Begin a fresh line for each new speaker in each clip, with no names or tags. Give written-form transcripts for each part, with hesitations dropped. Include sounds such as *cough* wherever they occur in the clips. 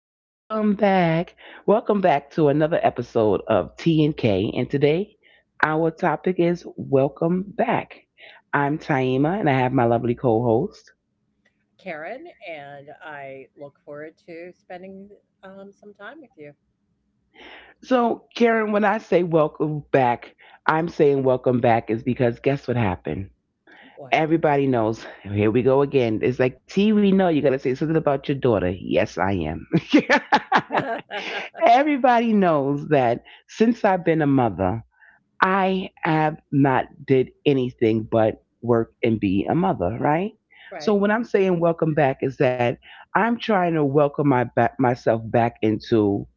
welcome back. Welcome back to another episode of T and K. And today our topic is Welcome Back. I'm Taima and I have my lovely co-host.
Karen, and I look forward to spending some time with you.
So, Karen, when I say welcome back, I'm saying welcome back is because guess what happened?
What?
Everybody knows. Here we go again. It's like, T, we know you're going to say something about your daughter. Yes, I am. *laughs*
*laughs* Right,
Everybody knows that since I've been a mother, I have not did anything but work and be a mother, right? So
right.
when I'm saying welcome back is that I'm trying to welcome my back, myself back into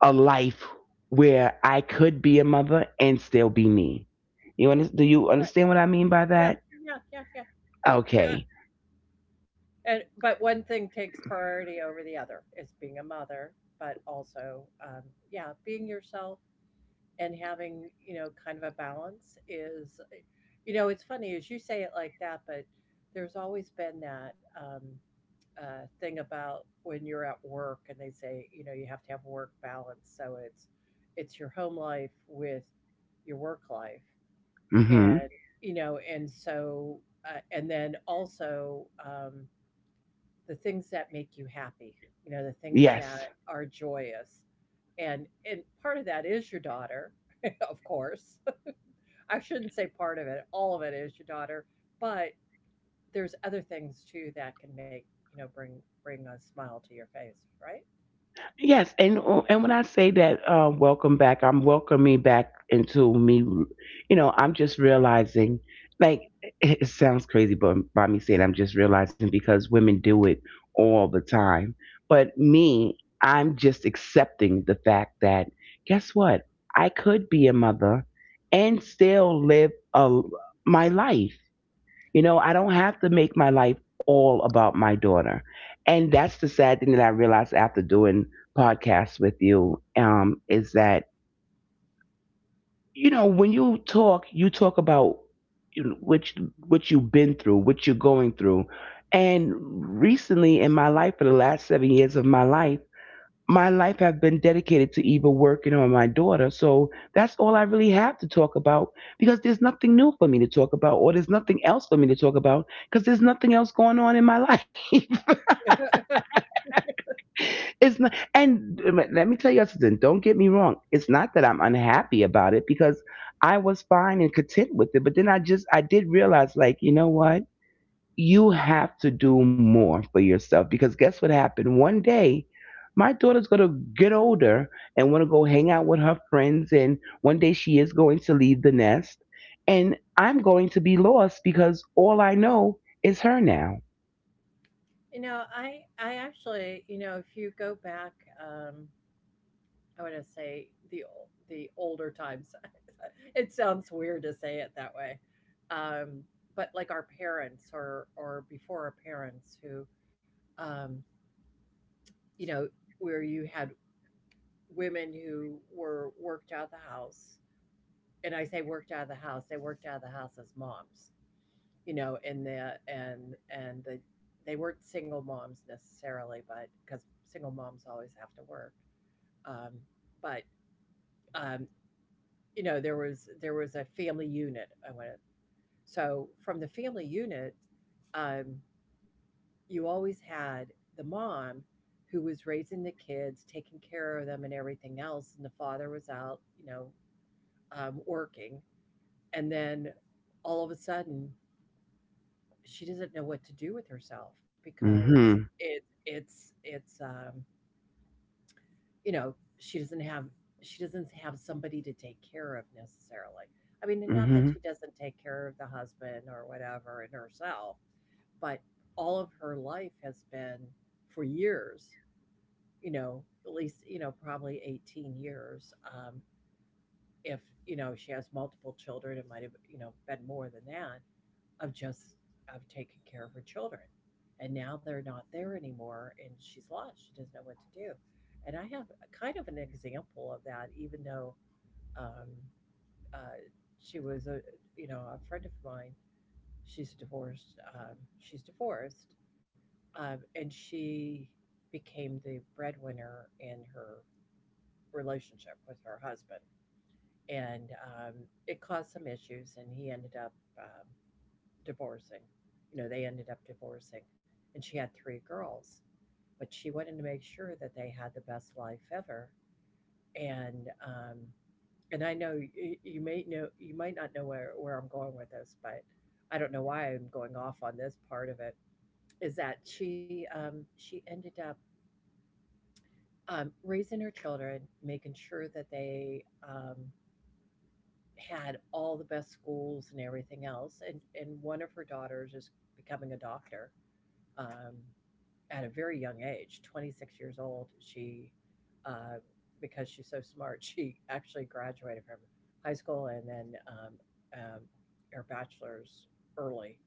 a life where I could be a mother and still be me. Do you understand what I mean by
Yeah,
that?
yeah, yeah, yeah. But
Okay.
but one thing takes priority over the other is being a mother, but also, yeah, being yourself and having you know kind of a balance is, you know, it's funny as you say it like that, but there's always been that. Thing about when you're at work and they say, you know, you have to have work balance. So it's your home life with your work life,
Mhm.
and you know, and so and then also the things that make you happy. You know, the things that
Yes.
are joyous, and part of that is your daughter, *laughs* of course. I shouldn't say part of it. All of it is your daughter, but there's other things too that can make you know bring a smile to your face, right?
Yes, and and when I say that, welcome back, I'm welcoming back into me. You know, I'm just realizing, like, it sounds crazy, but by me saying, I'm just realizing because women do it all the time. But me, I'm just accepting the fact that, guess what? I could be a mother and still my life. You know, I don't have to make my life all about my daughter. And that's the sad thing that I realized after doing podcasts with you, is that, you know, when you talk about, you know, which what you've been through, what you're going through. And recently in my life, for the last 7 years of my life have been dedicated to either working or my daughter. So that's all I really have to talk about because there's nothing new for me to talk about or there's nothing else for me to talk about because there's nothing else going on in my life. *laughs*
*laughs*
It's not, and let me tell you something. Don't get me wrong. It's not that I'm unhappy about it because I was fine and content with it. But then I did realize, like, you know what? You have to do more for yourself because guess what happened? One day, my daughter's going to get older and want to go hang out with her friends. And one day she is going to leave the nest. And I'm going to be lost because all I know is her now.
You know, I actually, you know, if you go back, um, I want to say the older times. *laughs* It sounds weird to say it that way, um, but like our parents or before our parents, who, um, you know, where you had women who were worked out of the house, and I say worked out of the house, they worked out of the house as moms you know, in the and the they weren't single moms necessarily, but because single moms always have to work. Um, but um, you know, there was a family unit. I went so from the family unit, um, you always had the mom who was raising the kids, taking care of them, and everything else, and the father was out, you know, working, and then all of a sudden she doesn't know what to do with herself
Mm
because
hmm.
it's you know she doesn't have somebody to take care of necessarily. I mean, and not that
Mm
she doesn't take care of the husband or whatever and herself, but all of her life has been for years, you know, at least you know probably 18 years, if you know she has multiple children it might have you know been more than that of just of taking care of her children. And now they're not there anymore and she's lost. She doesn't know what to do. And I have a kind of an example of that, even though um, uh, she was a you know a friend of mine. She's divorced. She's divorced, and she became the breadwinner in her relationship with her husband, and um, it caused some issues. And he ended up divorcing. You know, they ended up divorcing. And she had three girls, but she wanted to make sure that they had the best life ever. And um, and I know you, you may know you might not know where I'm going with this, but I don't know why I'm going off on this part of it. Is that she ended up raising her children, making sure that they had all the best schools and everything else. And one of her daughters is becoming a doctor. Um, at a very young age, 26 years old, she, uh, because she's so smart, *laughs* she actually graduated from high school and then um, her bachelor's early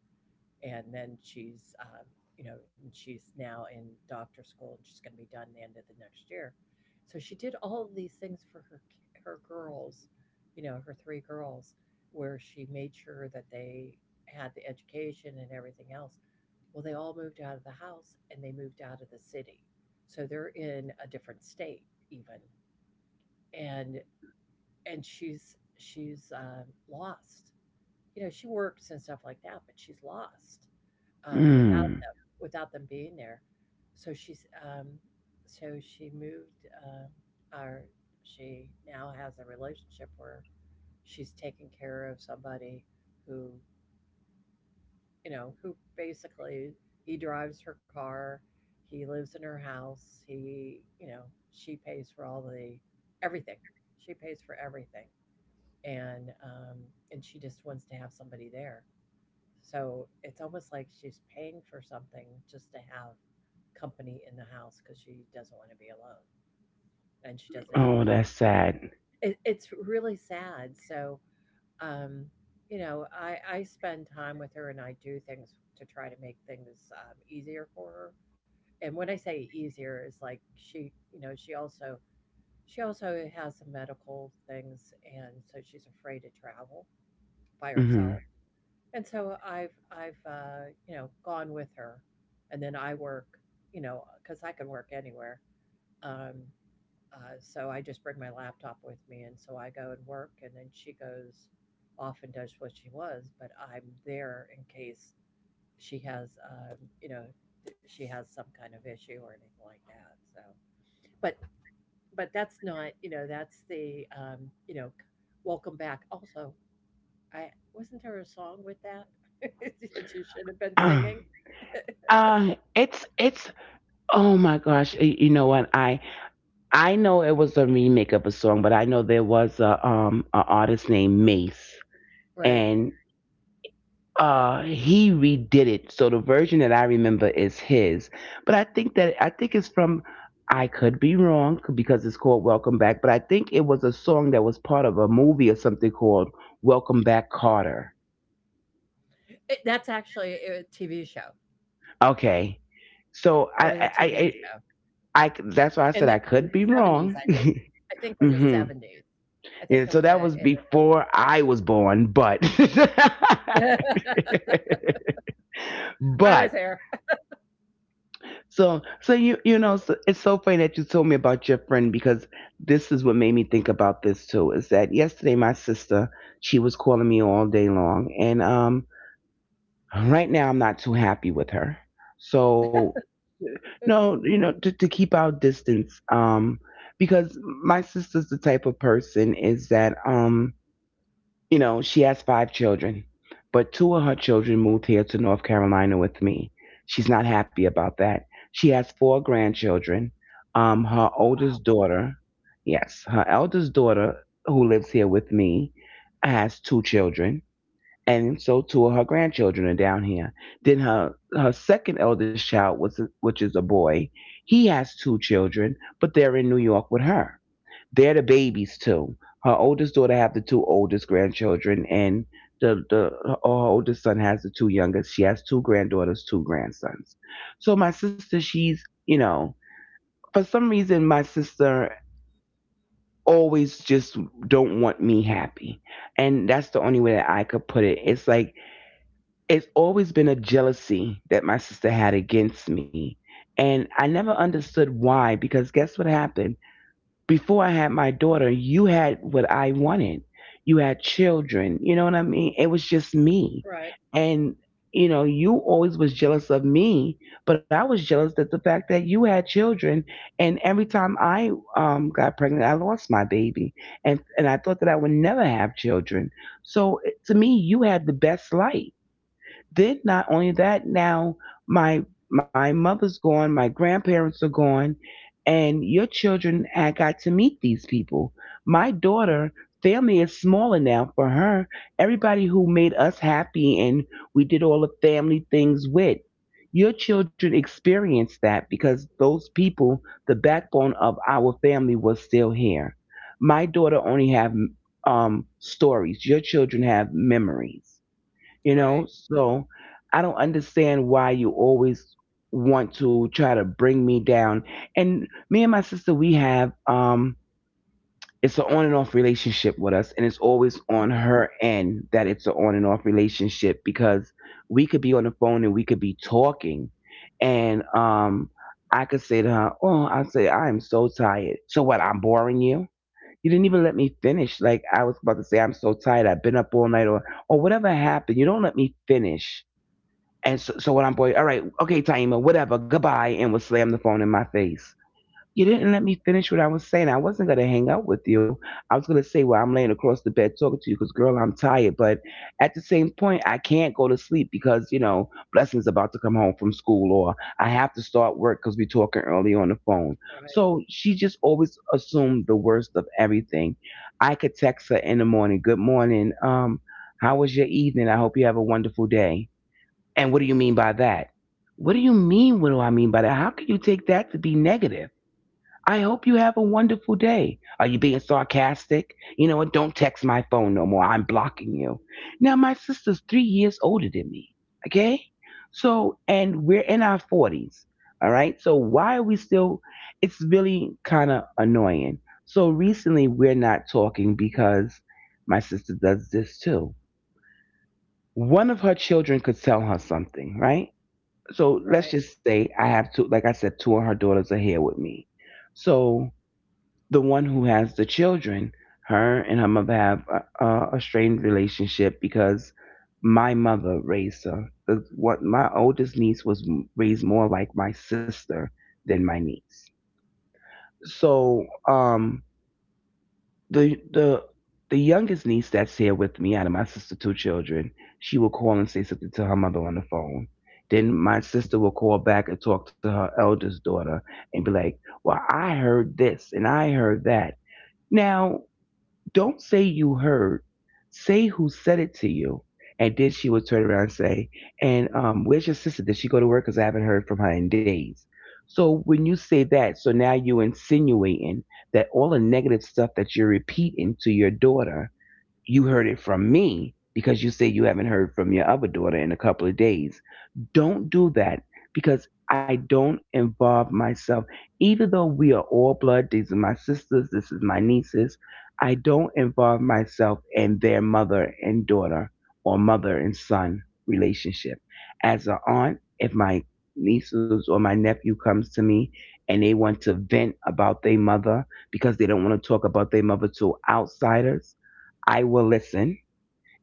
and then she's you know and she's now in doctor school and she's going to be done the end of the next year. So she did all of these things for her her girls, you know, her three girls, where she made sure that they had the education and everything else. Well, they all moved out of the house and they moved out of the city, so they're in a different state even. and and she's lost. You know, she works and stuff like that but she's lost,
hmm.
without
Mm.
them, without them being there. So she's so she moved or she now has a relationship where she's taking care of somebody who you know who basically he drives her car, he lives in her house, he you know she pays for all the everything, she pays for everything, and um, and she just wants to have somebody there so it's almost like she's paying for something just to have company in the house because she doesn't want to be alone and she doesn't have her
Oh,
kids.
that's sad.
It, it's really sad. So, um, you know, I spend time with her and I do things to try to make things easier for her. And when I say easier, is like she, you know, she also has some medical things, and so she's afraid to travel by
Mm
herself. And so I've you know, gone with her, and then I work, you know because I can work anywhere. Um, so I just bring my laptop with me, and so I go and work, and then she goes off and does what she was, but I'm there in case she has, you know, she has some kind of issue or anything like that. So, but but that's not, you know, that's the, you know, welcome back. Also, I wasn't there a song with that *laughs* that you should have been
hmm. *clears throat*
singing?
It's oh my gosh, you know what? I know it was a remake of a song, but I know there was a an artist named Mace,
Right.
and uh, he redid it, so the version that I remember is his. But I think it's from, I could be wrong, because it's called Welcome Back, but I think it was a song that was part of a movie or something called Welcome Back Carter.
It that's actually a TV show.
Okay, so
It
i
was a
i i,
TV
I
show
that's why I
in
said
the
I could be
'70s,
wrong.
I think. I think
*laughs*
in the
Hmm.
'70s. I think
Yeah,
it
so
was
that
a
was
in the
before I was born, but *laughs*
'70s, yeah. *laughs* I was
but
there.
so, so you know, so it's so funny that you told me about your friend because this is what made me think about this too. Is that yesterday my sister, she was calling me all day long, and right now I'm not too happy with her. So no, you know, to keep our distance, because my sister's the type of person is that, you know, she has five children, but two of her children moved here to North Carolina with me. She's not happy about that. She has four grandchildren. Her oldest
Wow.
daughter, yes, her eldest daughter, who lives here with me, has two children. And so two of her grandchildren are down here. Then her second eldest child was, which is a boy. He has two children, but they're in New York with her. They're the babies too. Her oldest daughter have the two oldest grandchildren, and the her oldest son has the two youngest. She has two granddaughters, two grandsons. So my sister, she's, you know, for some reason, my sister always just don't want me happy, and that's the only way that I could put it. It's like it's always been a jealousy that my sister had against me. And I never understood why, because guess what happened? Before I had my daughter, you had what I wanted. You had children. You know what I mean? It was just me.
Right,
And, you know, you always was jealous of me, but I was jealous that the fact that you had children. And every time I got pregnant, I lost my baby. And I thought that I would never have children. So, it- to me, you had the best life. Then not only that, now my mother's gone, my grandparents are gone, and your children had got to meet these people. My daughter, family is smaller now for her. Everybody who made us happy and we did all the family things with. Your children experienced that because those people, the backbone of our family, was still here. My daughter only have stories. Your children have memories, you know,
right,
so I don't understand why you always want to try to bring me down. And me and my sister, we have, it's an on and off relationship with us, and it's always on her end that it's an on and off relationship. Because we could be on the phone and we could be talking, and I could say to her, oh, I say I am so tired. So what, I'm boring you? You didn't even let me finish. Like, I was about to say, I'm so tired. I've been up all night, or whatever happened. You don't let me finish. And so, so when I'm, boy, all right, okay, Taima, whatever, goodbye, and would slam the phone in my face. You didn't let me finish what I was saying. I wasn't going to hang out with you. I was going to say, well, I'm laying across the bed talking to you because, girl, I'm tired. But at the same point, I can't go to sleep because, you know, Blessing's about to come home from school or I have to start work because we're talking early on the phone.
right,
So she just always assumed the worst of everything. I could text her in the morning, good morning. How was your evening? I hope you have a wonderful day. And what do you mean by that? What do you mean? What do I mean by that? How can you take that to be negative? I hope you have a wonderful day. Are you being sarcastic? You know what? Don't text my phone no more. I'm blocking you. Now, my sister's 3 years older than me. Okay? So, and we're in our 40s. All right? So, why are we still? It's really kind of annoying. So, recently, we're not talking because my sister does this too. One of her children could tell her something, right? So, let's
right,
just say I have two, like I said, two of her daughters are here with me. So, the one who has the children, her and her mother have a strained relationship because my mother raised her. The, what my oldest niece was raised more like my sister than my niece. So the the the youngest niece that's here with me out of my sister's two children, she will call and say something to her mother on the phone. Then my sister will call back and talk to her eldest daughter and be like, "Well, I heard this and I heard that." Now don't say you heard. Say who said it to you. And then she would turn around and say, and where's your sister? Did she go to work? Because I haven't heard from her in days. So when you say that, so now you're insinuating that all the negative stuff that you're repeating to your daughter, you heard it from me because you say you haven't heard from your other daughter in a couple of days. Don't do that because I don't involve myself. Even though we are all blood, these are my sisters, this is my nieces, I don't involve myself in their mother and daughter or mother and son relationship. As an aunt, if my nieces or my nephew comes to me and they want to vent about their mother because they don't want to talk about their mother to outsiders, I will listen.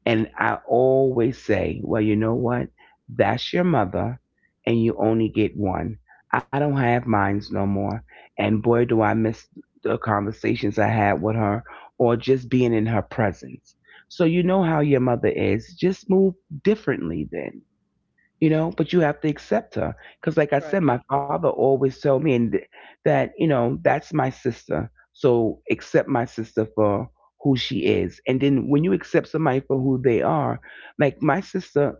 And I always say, well, you know what? That's your mother, and you only get one. I don't have mines no more. And boy, do I miss the conversations I had with her or just being in her presence. So you know how your mother is. Just move differently then, you know, but you have to accept her because, like I said,
right.
my father always told me that, you know, that's my sister, so accept my sister for who she is. And then when you accept somebody for who they are, like my sister,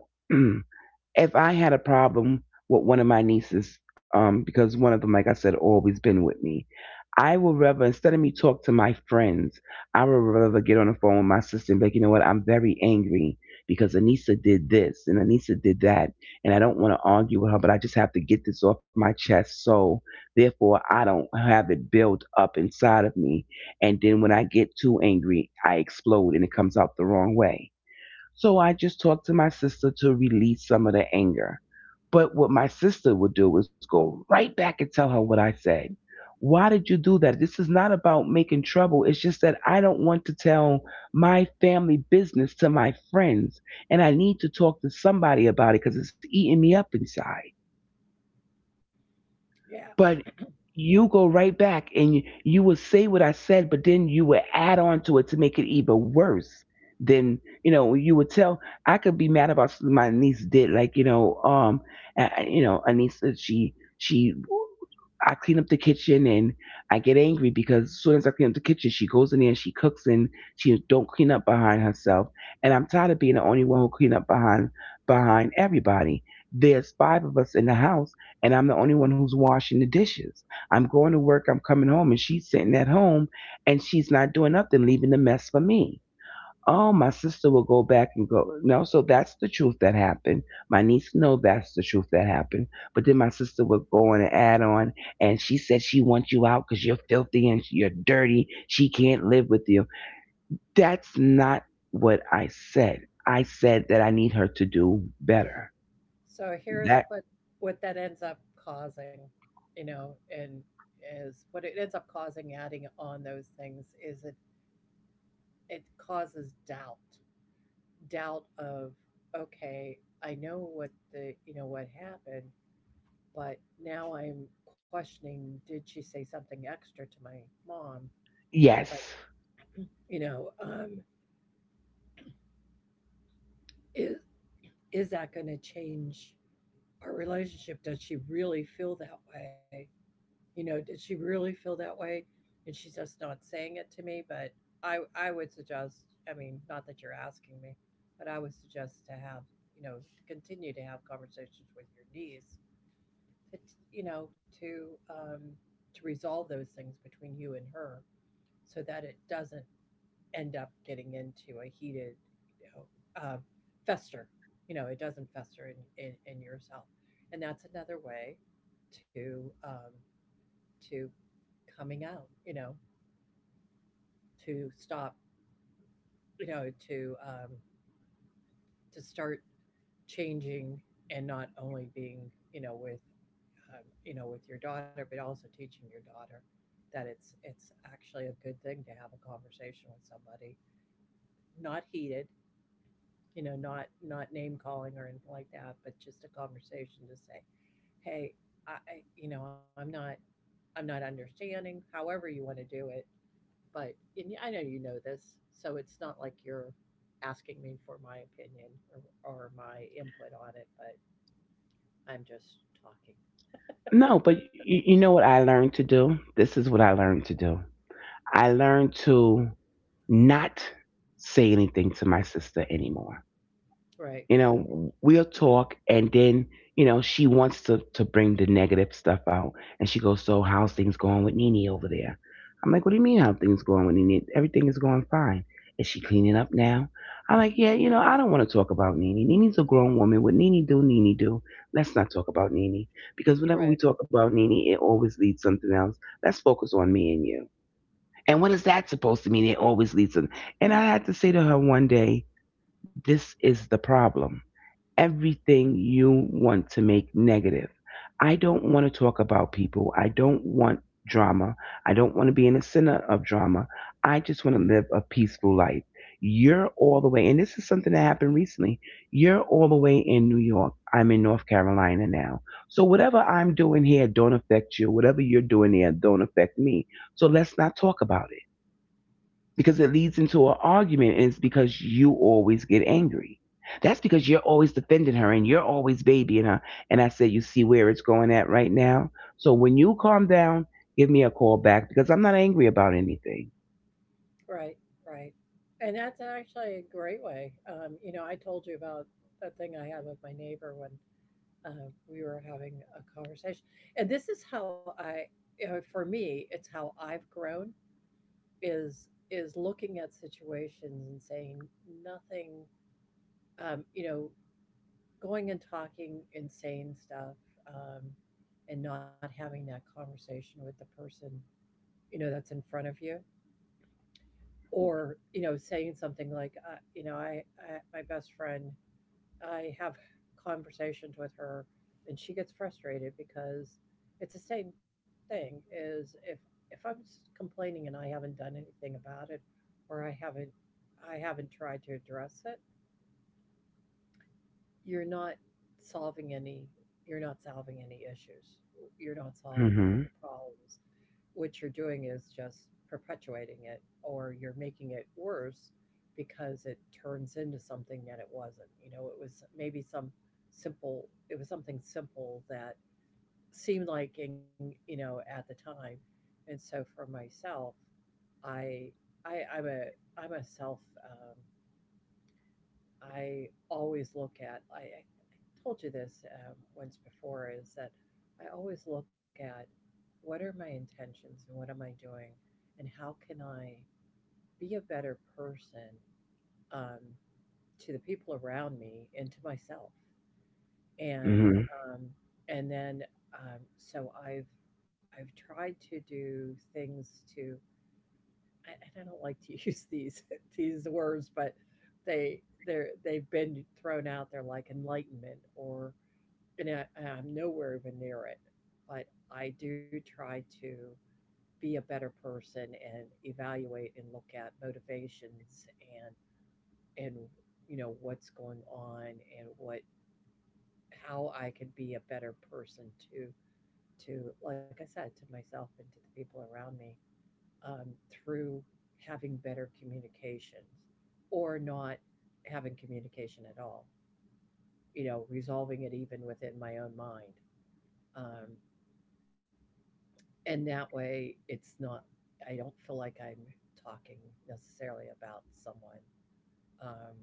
*clears throat* if I had a problem with one of my nieces, because one of them, like I said, always been with me, I would rather, instead of me talk to my friends, I would rather get on the phone with my sister and be like, you know what, I'm very angry because Anissa did this and Anissa did that, and I don't want to argue with her, but I just have to get this off my chest. So therefore, I don't have it built up inside of me, and then when I get too angry, I explode and it comes out the wrong way. So I just talked to my sister to release some of the anger. But what my sister would do is go right back and tell her what I said. Why did you do that? This is not about making trouble. It's just that I don't want to tell my family business to my friends. And I need to talk to somebody about it because it's eating me up inside.
Yeah.
But you go right back and you will say what I said, but then you would add on to it to make it even worse. Then, you know, you would tell. I could be mad about something my niece did, like, you know, Anissa. She, I clean up the kitchen, and I get angry because as soon as I clean up the kitchen, she goes in there and she cooks, and she don't clean up behind herself. And I'm tired of being the only one who clean up behind everybody. There's five of us in the house, and I'm the only one who's washing the dishes. I'm going to work, I'm coming home, and she's sitting at home and she's not doing nothing, leaving the mess for me. Oh, my sister will go back and go, no, so that's the truth that happened. My niece know that's the truth that happened. But then my sister would go on and add on, and she said she wants you out because you're filthy and you're dirty. She can't live with you. That's not what I said. I said that I need her to do better.
So here's
That,
what that ends up causing, you know, and is what it ends up causing adding on those things is it causes doubt, doubt of okay, I know what the you know what happened, but now I'm questioning did she say something extra to my mom. But
yes.
you know is is that going to change our relationship? Does she really feel that way? You know, did she really feel that way and she's just not saying it to me? But I would suggest, I mean not that you're asking me, but I would suggest to have, you know, continue to have conversations with your niece to you know to resolve those things between you and her so that it doesn't end up getting into a heated you know fester, you know, it doesn't fester in yourself. And that's another way to um, to coming out, you know, to stop, you know, to start changing and not only being you know, with your daughter, but also teaching your daughter that it's actually a good thing to have a conversation with somebody, not heated, you know, not not name calling or anything like that, but just a conversation to say, hey, I you know, I'm not understanding. However, you want to do it, but and I know you know this, so it's not like you're asking me for my opinion or my input on it, but I'm just talking.
No, but you know what I learned to do? This is what I learned to do. I learned to not say anything to my sister anymore.
Right.
You know, we'll talk, and then, you know, she wants to bring the negative stuff out. And she goes, so, how's things going with Nene over there? I'm like, what do you mean, how things going with Nene? Everything is going fine. Is she cleaning up now? I'm like, yeah, you know, I don't want to talk about Nene. Nene's a grown woman. What Nene do, Nene do. Let's not talk about Nene. Because whenever
Right.
we talk about Nene, it always leads something else. Let's focus on me and you. And what is that supposed to mean? It always leads them. And I had to say to her one day, this is the problem. Everything you want to make negative. I don't want to talk about people. I don't want drama. I don't want to be in the center of drama. I just want to live a peaceful life. You're all the way, and this is something that happened recently. You're all the way in New York. I'm in North Carolina now. So whatever I'm doing here don't affect you. Whatever you're doing here don't affect me. So let's not talk about it because it leads into an argument, and it's because you always get angry. That's because you're always defending her and you're always babying her. And I said, you see where it's going at right now? So when you calm down, give me a call back because I'm not angry about anything.
Right, right. And that's actually a great way. You know, I told you about that thing I had with my neighbor when we were having a conversation. And this is how I, you know, for me, it's how I've grown is looking at situations and saying nothing, you know, going and talking insane stuff, um, and not having that conversation with the person, you know, that's in front of you or you know saying something like you know I my best friend, I have conversations with her and she gets frustrated because it's the same thing is if complaining and I haven't done anything about it, or I haven't I haven't tried to address it. You're not solving any, you're not solving any issues, you're not solving the
Hmm.
problems. What you're doing is just perpetuating it or you're making it worse because it turns into something that it wasn't, you know, it was maybe some simple, it was something simple that seemed like in you know at the time. And so for myself i I'm a I'm a self I always look at, I told you this once before, is that I always look at what are my intentions and what am I doing and how can I be a better person, um, to the people around me and to myself. And
Hmm.
um, and then so I've tried to do things to I, and I don't like to use these *laughs* these words, but they're they've been thrown out there like enlightenment or, and I'm nowhere even near it. But I do try to be a better person and evaluate and look at motivations and you know what's going on and what how I could be a better person to to, like I said, to myself and to the people around me, through having better communications or not having communication at all, you know, resolving it even within my own mind. Um, and that way, it's not, I don't feel like I'm talking necessarily about someone. Um,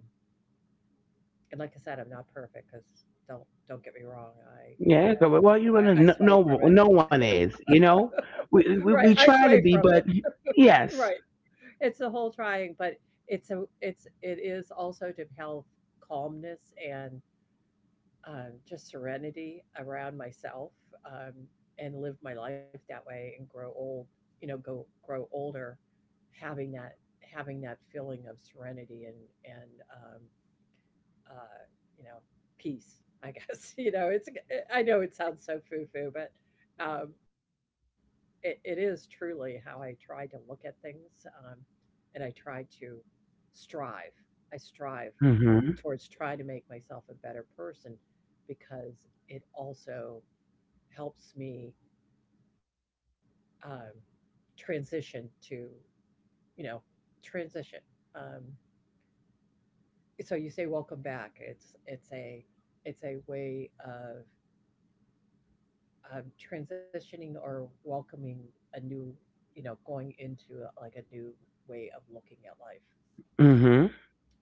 and like I said, I'm not perfect because don't don't get me wrong. i
Yeah.
i
Well, you wanna,
i, I
no,
sway
no,
from it.
no one is. You know,
*laughs*
we,
Right,
we
I
we
sway
try to
from
be,
it.
but
Right.
yes.
It's a whole trying, but it's a it's it is also to have calmness and, just serenity around myself, um, and live my life that way and grow old. You know, go grow older having that feeling of serenity and and um, uh, you know, peace, I guess. *laughs* you know it's. I know it sounds so foo foo, but, um, it, it is truly how I try to look at things, and I try to strive. I strive
Hmm.
towards trying to make myself a better person because it also helps me, um, transition to, you know transition. Um, so you say welcome back. It's a way of transitioning or welcoming a new, you know, going into like a new way of looking at life.
Hmm.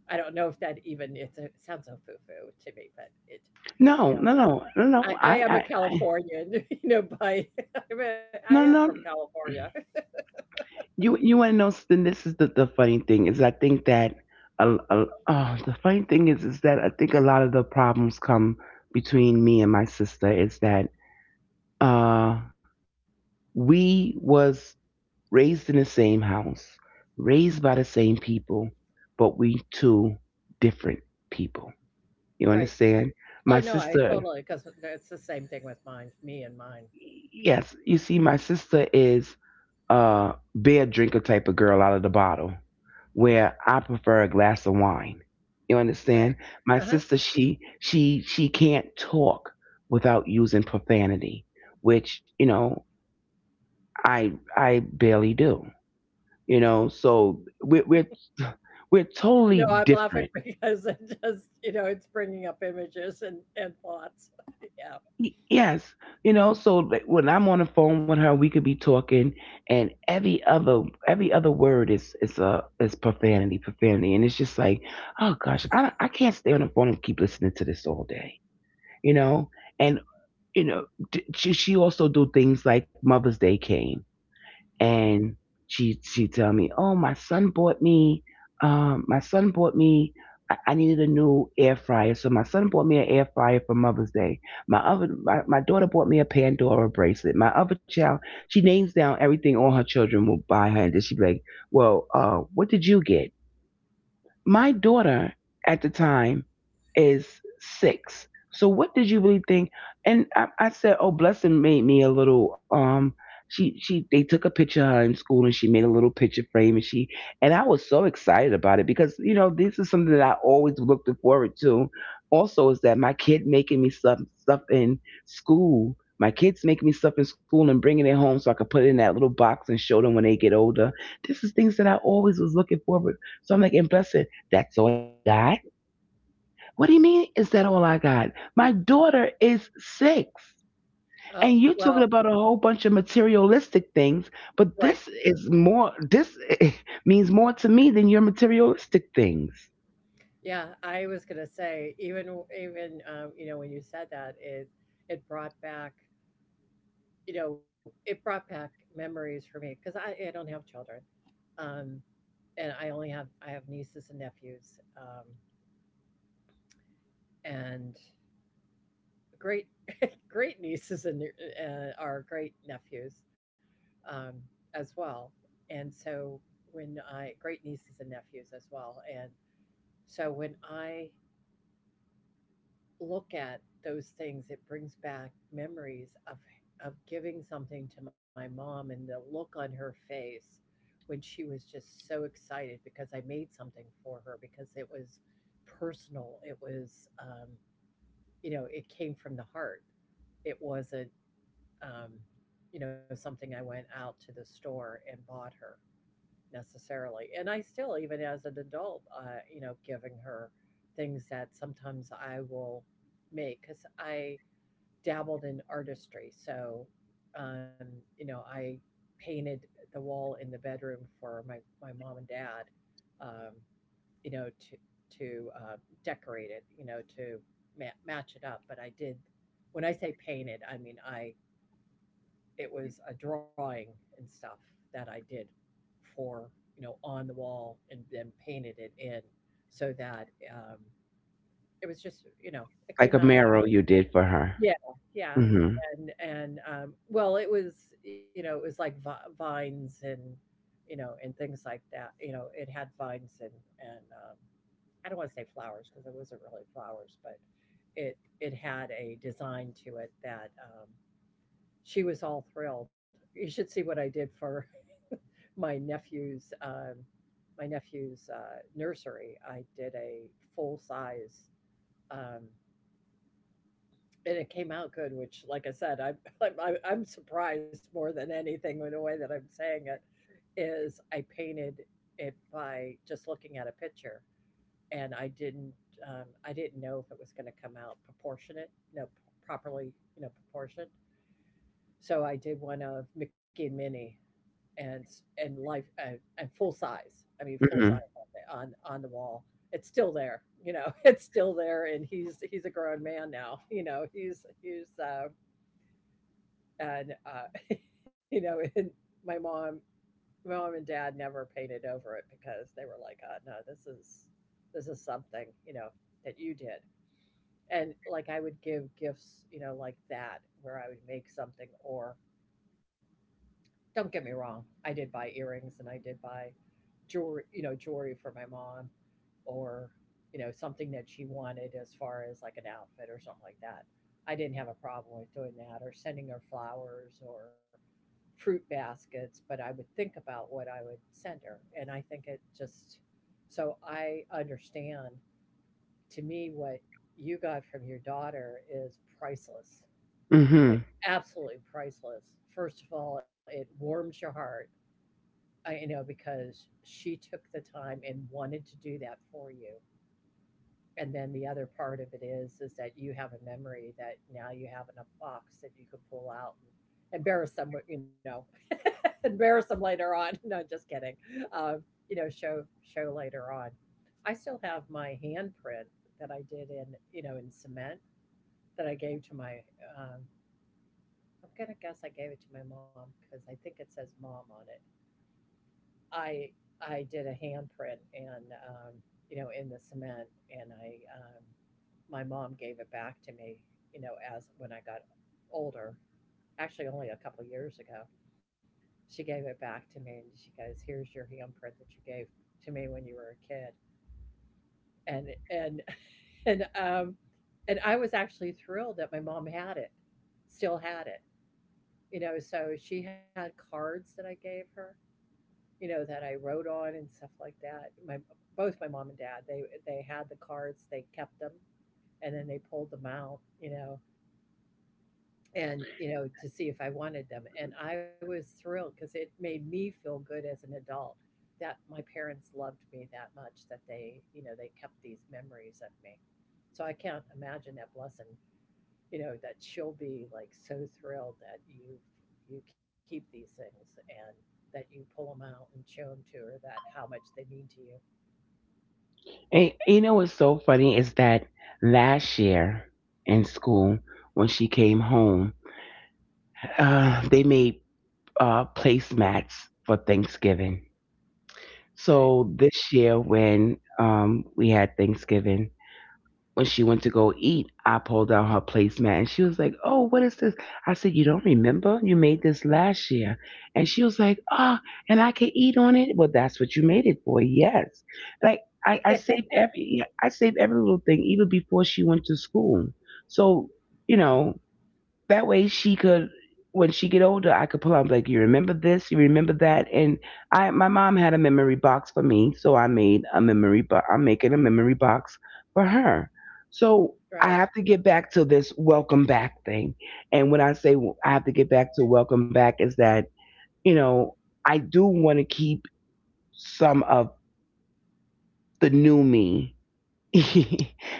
I don't know if that even it's a, it sounds so foo foo to me, but it,
No,
you know,
no, no, no,
I,
no.
I
I,
am a
I, I
Californian, *laughs* you know, by *laughs* I am
no,
from
no.
California,
You want to know? This is the funny thing is I think that oh, the funny thing is that I think a lot of the problems come between me and my sister is that uh we was raised in the same house, raised by the same people, but we two different people. You
*laughs* right?
understand?
Oh
My
no, I
sister,
totally, because it's the same thing with mine, me and mine,
yes, you see, my sister is uh, beer drinker type of girl out of the bottle, where I prefer a glass of wine. You
right?
understand? My
Uh-huh.
sister, she can't talk without using profanity, which, you know, I barely do. You know, so we're
No,
totally
I'm laughing *laughs*
different.
because it just, you know, it's bringing up images and thoughts. *laughs* Yeah.
Yes, you know, so like, when I'm on the phone with her, we could be talking, and every other word is a is profanity, profanity, and it's just like, oh gosh, I don't- I can't stay on the phone and keep listening to this all day, you know, and you know, she also do things like Mother's Day came, and she tell me, "Oh, my son bought me, my son bought me. I needed a new air fryer, so my son bought me an air fryer for Mother's Day. My daughter bought me a Pandora bracelet. My other child," she names down everything all her children will buy her, and then she be like, "Well, what did you get?" My daughter at the time is six. So what did you really think? And I said, oh, Blessing made me a little. She they took a picture of her in school, and she made a little picture frame, and she, and I was so excited about it because, you know, this is something that I always looked forward to. Also, is that my kid making me stuff in school. My kids making me stuff in school and bringing it home so I could put it in that little box and show them when they get older. This is things that I always was looking forward. So I'm like, and Blessing. That's all you got? What do you mean, is that all I got? My daughter is six.
Oh
And you're talking
well,
about a whole bunch of materialistic things, but
right.
this is more, this *laughs* means more to me than your materialistic things.
Yeah, I was gonna say, even even, you know, when you said that, it brought back, you know, it brought back memories for me because I don't have children, um and I only have, I have nieces and nephews, and great great *laughs* nieces and are great nephews, um as well, and so when I great nieces and nephews as well, and so when I look at those things, it brings back memories of giving something to my mom and the look on her face when she was just so excited because I made something for her because it was personal. It was, you know, it came from the heart. It wasn't, um, you know, something I went out to the store and bought her necessarily. And I still, even as an adult, you know, giving her things that sometimes I will make because I dabbled in artistry. So, um, you know, I painted the wall in the bedroom for my, my mom and dad, um, you know, to, to decorate it, you know, to ma- match it up. But I did, when I say painted, I mean, I, it was a drawing and stuff that I did for, you know, on the wall and then painted it in so that, um, it was just, you know, it
Like
came
a
out
marrow
actually.
you did for her.
Yeah, yeah,
Hmm.
and, well, it was, you know, it was like vi vines and, you know, and things like that, you know, it had vines and, I don't wanna say flowers because it wasn't really flowers, but it had a design to it that, she was all thrilled. You should see what I did for *laughs* my nephew's, my nephew's, nursery. I did a full size, um and it came out good, which, like I said, I'm *laughs* I'm surprised more than anything in the way that I'm saying it is I painted it by just looking at a picture, and I didn't, I didn't know if it was going to come out proportionate, you know, properly, you know, proportioned. So I did one of Mickey and Minnie, and and life and full size. I mean, full size
Hmm.
on the wall. It's still there, you know. *laughs* It's still there, and he's a grown man now. You know, he's he's. And *laughs* you know, and my mom, my mom and dad never painted over it because they were like, "Oh no, this is something, you know, that you did." And like I would give gifts, you know, like that, where I would make something or don't get me wrong, I did buy earrings and I did buy jewelry, you know, jewelry for my mom or, you know, something that she wanted as far as like an outfit or something like that. I didn't have a problem with doing that or sending her flowers or fruit baskets, but I would think about what I would send her. And I think it just, so I understand, to me, what you got from your daughter is priceless.
Hmm.
It's absolutely priceless. First of all, it warms your heart. I, you know, because she took the time and wanted to do that for you. And then the other part of it is that you have a memory that now you have in a box that you could pull out and embarrass them with, you know, *laughs* embarrass them later on. *laughs* No, just kidding. Um, you know, show show later on. I still have my handprint that I did in, you know, in cement that I gave to my. Um, I'm gonna guess I gave it to my mom because I think it says mom on it. I I did a handprint and, you know, in the cement, and I, um, my mom gave it back to me. You know, as when I got older, actually only a couple years ago, she gave it back to me, and she goes, "Here's your handprint that you gave to me when you were a kid," and *laughs* and um, and I was actually thrilled that my mom had it, still had it. You know, so she had cards that I gave her, you know, that I wrote on and stuff like that. My both my mom and dad, they had the cards, they kept them, and then they pulled them out, you know, and, you know, to see if I wanted them. And I was thrilled because it made me feel good as an adult that my parents loved me that much that they, you know, they kept these memories of me. So I can't imagine that blessing, you know, that she'll be like so thrilled that you keep these things and that you pull them out and show them to her, that how much they mean to you.
And you know what's so funny is that last year in school, when she came home, they made placemats for Thanksgiving.
Right.
So this year, when we had Thanksgiving, when she went to go eat, I pulled out her placemat, and she was like, oh, what is this? I said, you don't remember? You made this last year. And she was like, ah, and I can eat on it. Well, that's what you made it for. Yes. Like, I, I saved
*laughs*
every I saved every little thing even before she went to school. So, you know, that way she could, when she get older, I could pull out and be like, you remember this, you remember that, and I, my mom had a memory box for me, so I made a memory box. I'm making a memory box for her. So
Right.
I have to get back to this welcome back thing. And when I say I have to get back to welcome back, is that, you know, I do want to keep some of the new me *laughs*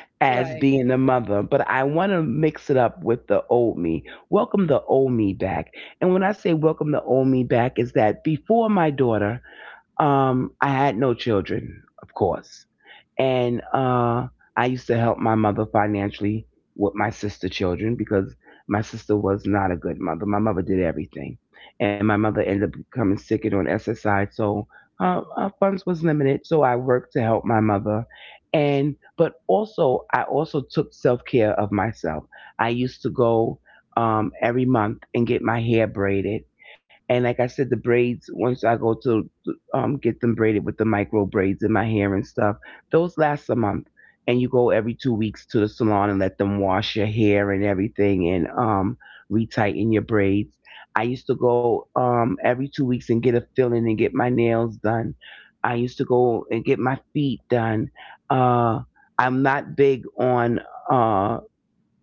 Right.
as being a mother, but I want to mix it up with the old me. Welcome the old me back. And when I say welcome the old me back, is that before my daughter, I had no children, of course, and I used to help my mother financially with my sister children because my sister was not a good mother. My mother did everything, and my mother ended up becoming sick and on SSI, so our funds was limited. So I worked to help my mother, and but also I also took self care of myself. I used to go every month and get my hair braided. And like I said, the braids, once I go to get them braided with the micro braids in my hair and stuff. Those last a month, and you go every 2 weeks to the salon and let them wash your hair and everything, and retighten your braids. I used to go every 2 weeks and get a filling and get my nails done. I used to go and get my feet done. Uh, I'm not big on. Uh,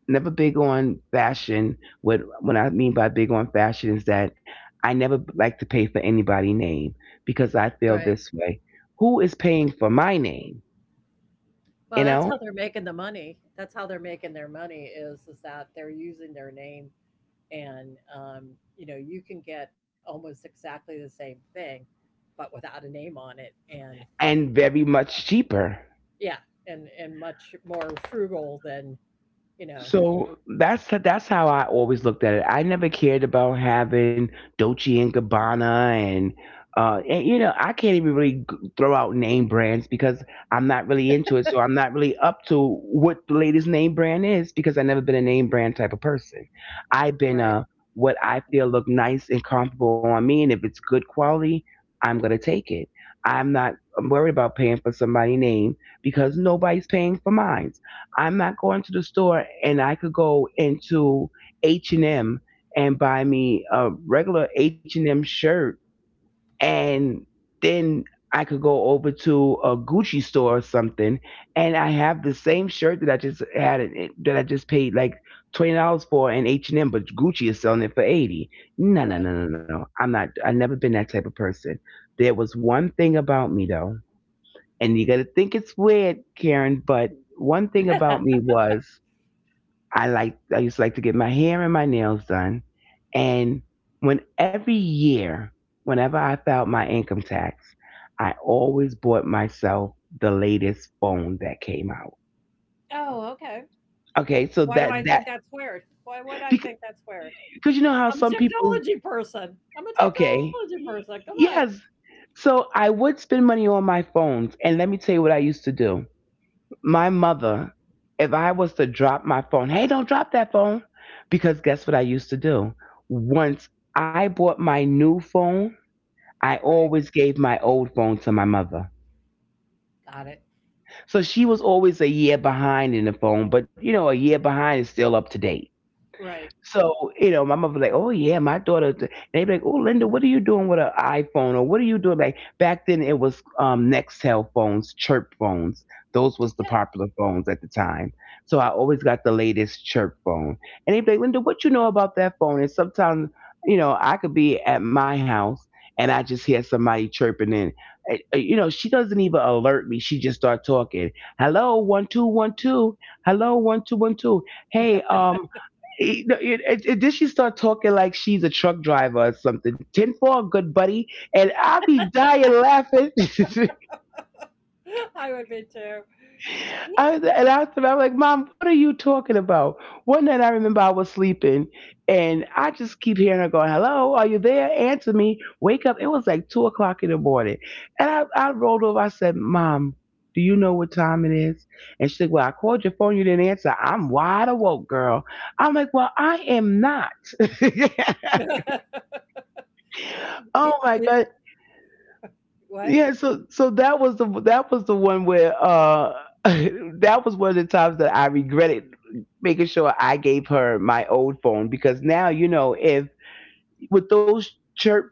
Never big on fashion. What I mean by big on fashion is that I never like to pay for anybody's name because I feel
Right,
this way. Who is paying for my name?
well
You
that's how
know?
they're making the money, that's how they're making their money, is that they're using their name and, you know, you can get almost exactly the same thing but without a name on it, and
And very much cheaper.
yeah, and much more frugal than, you know.
So that's how I always looked at it. I never cared about having Dolce and Gabbana and you know I can't even really throw out name brands because I'm not really into it. So I'm not really up to what the latest name brand is because I've never been a name brand type of person. I've been
Right.
what I feel look nice and comfortable on me, and if it's good quality, I'm gonna take it. I'm not worried about paying for somebody's name because nobody's paying for mine. I'm not going to the store and I could go into H&M and M and buy me a regular H&M shirt and then I could go over to a Gucci store or something and I have the same shirt that I just that I just paid like $20 for in H&M but Gucci is selling it for 80. No, no, no, no, no. I'm not. I've never been that type of person. There was one thing about me though, and you got to think it's weird, Karen, but one thing
Right. *laughs*
about me was, I used to like to get my hair and my nails done. And when every year, whenever I filed my income tax, I always bought myself the latest phone that came out.
Oh, okay.
Okay, so
Why do
that
I
that
think that's weird? Why would I
because,
think that's weird?
because you know how
I'm a
some people.
technology person. I'm a technology
Okay.
person. Come on.
Yes. So I would spend money on my phones, and let me tell you what I used to do. My mother, if I was to drop my phone, hey, don't drop that phone. Because guess what I used to do? Once I bought my new phone, I
Right.
always gave my old phone to my mother.
Got it.
So she was always a year behind in the phone, but you know, a year behind is still up to date.
Right.
So, you know, my mother like, oh yeah, my daughter. And they be like, oh Linda, what are you doing with an iPhone or what are you doing? Like back then, it was Nextel phones, chirp phones. Those
Yeah.
was the popular phones at the time. So I always got the latest chirp phone. And they be like, Linda, what you know about that phone? And sometimes, you know, I could be at my house and I just hear somebody chirping in. You know, she doesn't even alert me. She just start talking. Hello, 1 2 1 2. Hello, 1 2 1 2, hey, you know, then she start talking like she's a truck driver or something. 10-4, good buddy, and I be dying laughing. *laughs*
*laughs* I would be too.
And after I'm like, Mom, what are you talking about? One night I remember I was sleeping, and I just keep hearing her going, "Hello, are you there? Answer me. Wake up." It was like 2 o'clock in the morning, and I rolled over. I said, "Mom. Do you know what time it is?" And she said, well, I called your phone, you didn't answer. I'm wide awoke, girl. I'm like, well, I am not. *laughs*
Yeah. *laughs* It-
Oh
it-
my God.
what?
Yeah, so that was the one where *laughs* that was one of the times that I regretted making sure I gave her my old phone, because now you know if with those chirp,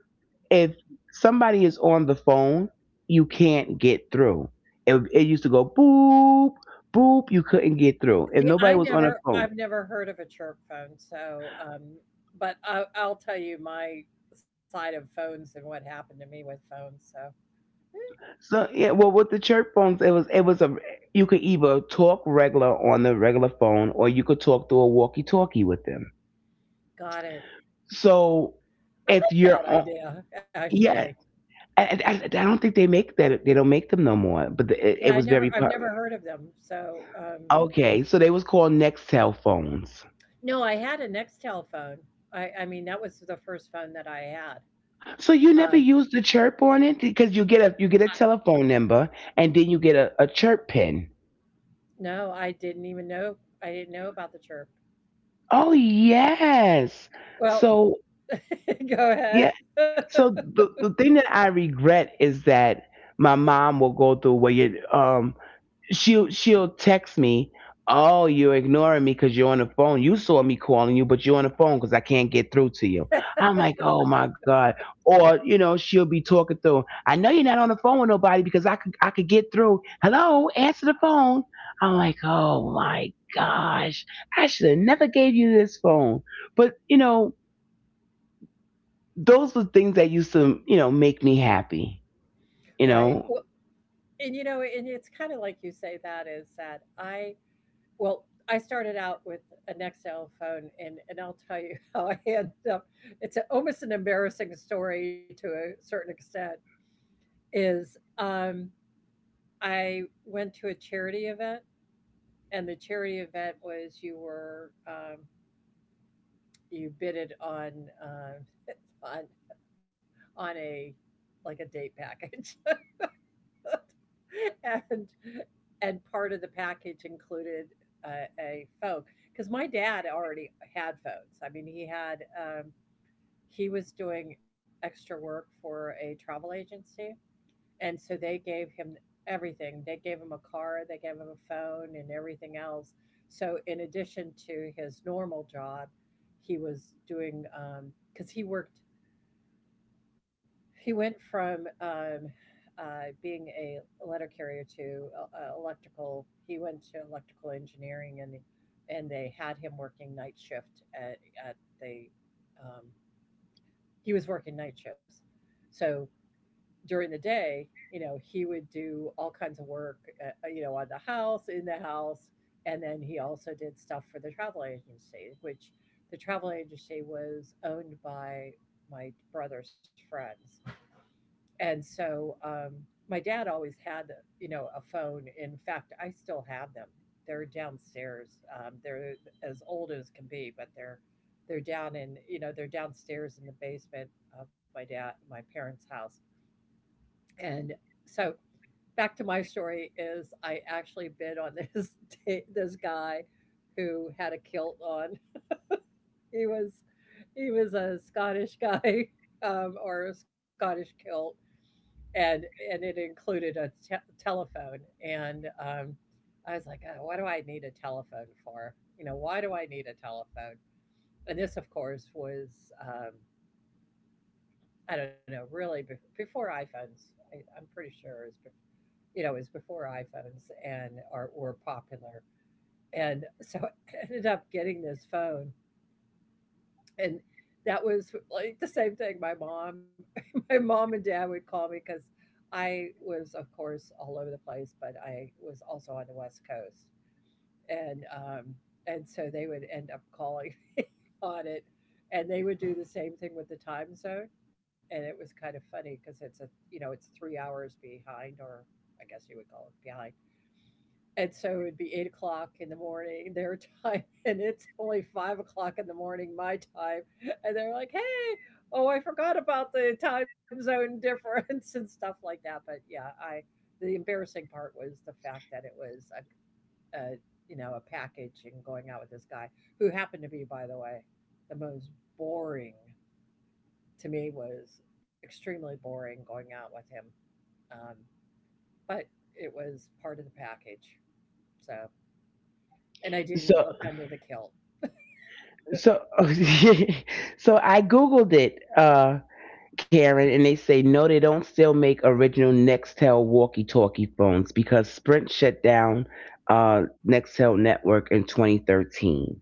if somebody is on the phone, you can't get through. It used to go boop boop, you couldn't get through. If
See,
nobody
I
was on the
never,
phone,
I've never heard of a chirp phone. So, but I, I'll tell you my side of phones and what happened to me with phones. So,
so yeah, well, with the church phones, it was a you could either talk regular on the regular phone or you could talk through a walkie-talkie with them.
got it.
So
I
if
like
you're
that
on,
idea, actually.
yeah, I don't think they make that, they don't make them no more. But the,
Yeah, I
it was
never,
very
I've never heard of them, so,
okay. So they was called Nextel phones.
no, I had a Nextel phone. I mean, that was the first phone that I had.
So you
Um,
never used the chirp on it because you
I
get a telephone number and then you get a chirp pin.
no, I didn't even know, I didn't know about the chirp.
Oh yes.
Well
So
*laughs* go
yeah.
ahead. *laughs*
So the thing that I regret is that my mom will go through where you she'll text me, oh you're ignoring me because you're on the phone. You saw me calling you, but you're on the phone because I can't get through to you. I'm like, oh my god. Or you know she'll be talking through. I know you're not on the phone with nobody because I could get through. Hello, answer the phone. I'm like, oh my gosh, I should have never gave you this phone. But you know those were things that used to, you know, make me happy, you
Right, well,
know.
and, you know, and it's kinda like you say that, is that I well, I started out with a Nextel phone, and I'll tell you *laughs* how I ended up. It's a, almost an embarrassing story to a certain extent, is, I went to a charity event, and the charity event was you were, you bidded on, *laughs* on on a like a date package, *laughs* and and part of the package included a phone because my dad already had phones. I mean, he had, he was doing extra work for a travel agency, and so they gave him everything. They gave him a car, they gave him a phone, and everything else. So, in addition to his normal job, he was doing because he worked. He went from, being a letter carrier to, electrical. He went to electrical engineering, and they had him working night shift at the. Um, he was working night shifts, so during the day, you know, he would do all kinds of work, you know, on the house, in the house, and then he also did stuff for the travel agency, which the travel agency was owned by my brother's friends. And so my dad always had, you know, a phone. In fact, I still have them. They're downstairs. They're as old as can be, but they're down in, you know, they're downstairs in the basement of my parents' house. And so back to my story is I actually bid on this *laughs* this guy who had a kilt on. He was he was a Scottish guy, *laughs* or a Scottish kilt, and and it included a telephone. And I was like, oh, what do I need a telephone for? You know, why do I need a telephone? And this, of course, was um, I don't know, really before iPhones. I'm pretty sure it was, you know, it was before iPhones and are were popular. And so *laughs* I ended up getting this phone. And that was like the same thing. My mom, *laughs* my mom and dad would call me because I was, of course, all over the place, but I was also on the West Coast. And um, and so they would end up calling *laughs* me on it. And they would do the same thing with the time zone. And it was kind of funny because you know, it's 3 hours behind, or I guess you would call it behind. And so it'd be 8 o'clock in the morning their time, *laughs* and it's only 5 o'clock in the morning my time. And they're like, "Hey, oh, I forgot about the time zone difference, *laughs* and stuff like that." But yeah, I the embarrassing part was the fact that it was a, you know, a package, and going out with this guy who happened to be, by the way, the most boring, to me was extremely boring going out with him. Um, but it was part of the package, so. And I didn't
So
look under the kilt.
so *laughs* so I googled it, Karen, and they say no, they don't still make original Nextel walkie-talkie phones because Sprint shut down Nextel network in 2013.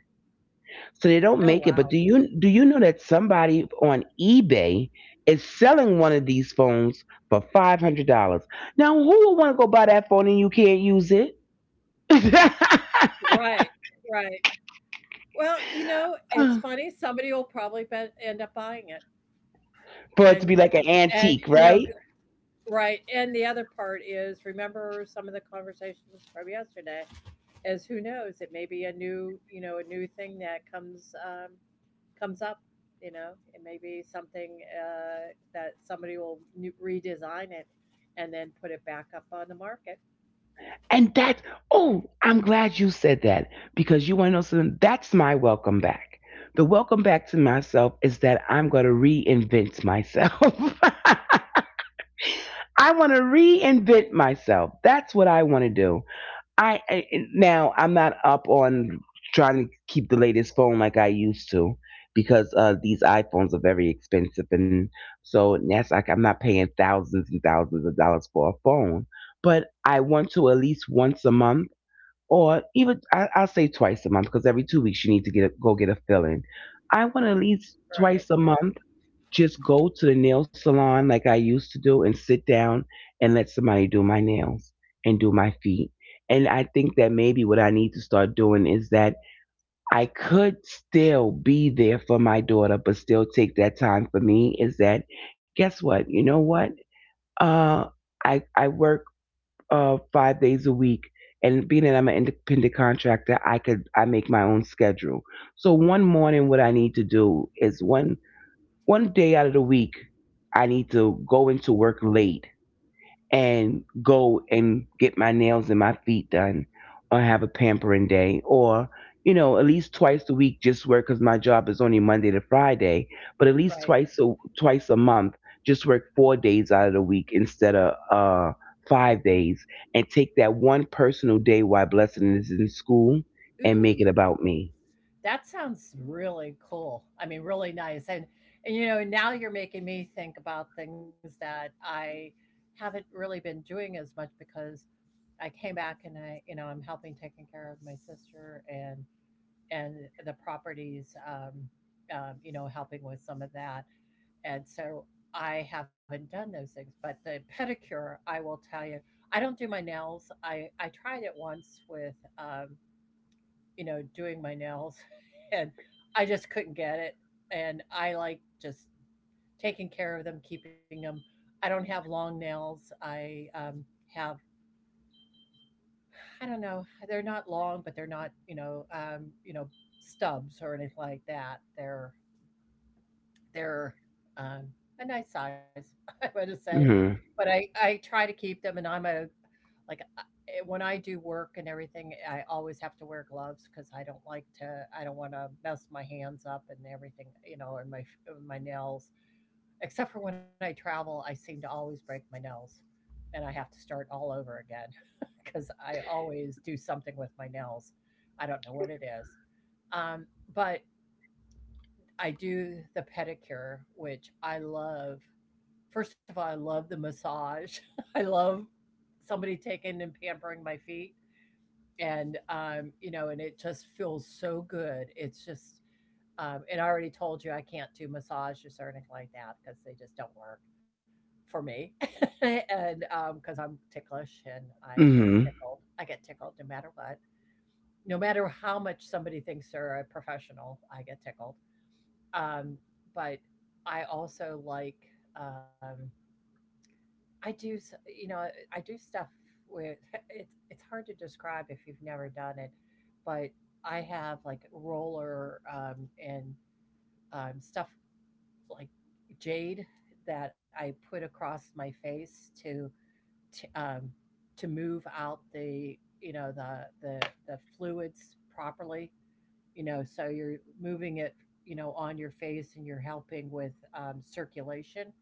So they
Oh,
don't make
wow.
it. But do you know that somebody on eBay is selling one of these phones for $500? Now, who would want to go buy that phone and you can't use it
Right, right. Well, you know,
*laughs*
it's
for
funny, somebody will probably bet end up buying it.
it to
And
be like an
and
antique,
you know,
right?
g right, and the other part is, remember some of the conversations from yesterday, is who knows, it may be a new, you know, a new thing that comes, comes up, you know? It may be something, that somebody will new redesign it and then put it back up on the market.
And that's, oh, I'm glad you said that, because you want to know something. That's my welcome back. The welcome back to myself is that I'm going to reinvent myself. *laughs* I want to reinvent myself. That's what I want to do. I Now I'm not up on trying to keep the latest phone like I used to because these iPhones are very expensive, and so that's like I'm not paying thousands and thousands of dollars for a phone. But I want to at least once a month, or even I'll say twice a month, because every 2 weeks you need to go get a fill in. I want at least
Right,
twice a month just go to the nail salon like I used to do and sit down and let somebody do my nails and do my feet. And I think that maybe what I need to start doing is that I could still be there for my daughter, but still take that time for me. Is that guess what? You know what? Uh, I work 5 days a week, and being that I'm an independent contractor, I make my own schedule. So one morning, what I need to do is one day out of the week, I need to go into work late and go and get my nails and my feet done or have a pampering day or, you know, at least twice a week just work because my job is only Monday to Friday, but at least
right.
twice a month, just work 4 days out of the week instead of 5 days and take that one personal day while Blessing is in school and make
Ooh,
it about me.
that sounds really cool. I mean, really nice. And you know, now you're making me think about things that I haven't really been doing as much because I came back and I, you know, I'm helping taking care of my sister and the properties, you know, helping with some of that. And so I haven't done those things. But the pedicure, I will tell you, I don't do my nails. I tried it once with you know, doing my nails *laughs* and I just couldn't get it. And I like just taking care of them, keeping them. I don't have long nails. I have, I don't know, they're not long, but they're not, you know, stubs or anything like that. They're, um, a nice size, *laughs* I wanna say,
Hmm
but I try to keep them, and I'm a like, I eh, when I do work and everything, I always have to wear gloves because I don't like to, I don't wanna mess my hands up and everything, you know, and my f my nails. Except for when I travel, I seem to always break my nails, and I have to start all over again *laughs* because I always do something with my nails. I don't know what it is. Um, but I do the pedicure, which I love. First of all, I love the massage. *laughs* I love somebody taking and pampering my feet. And, you know, and it just feels so good. It's just, and I already told you I can't do massages or anything like that because they just don't work for me. *laughs* and because I'm ticklish and
hmm
I get tickled no matter what. No matter how much somebody thinks they're a professional, I get tickled. Um, but I also like, um, I do, you know, I do stuff with, *laughs* it's hard to describe if you've never done it, but I have like roller and stuff like jade that I put across my face to, um, to move out the, you know, the the fluids properly, you know, so you're moving it, you know, on your face, and you're helping with circulation,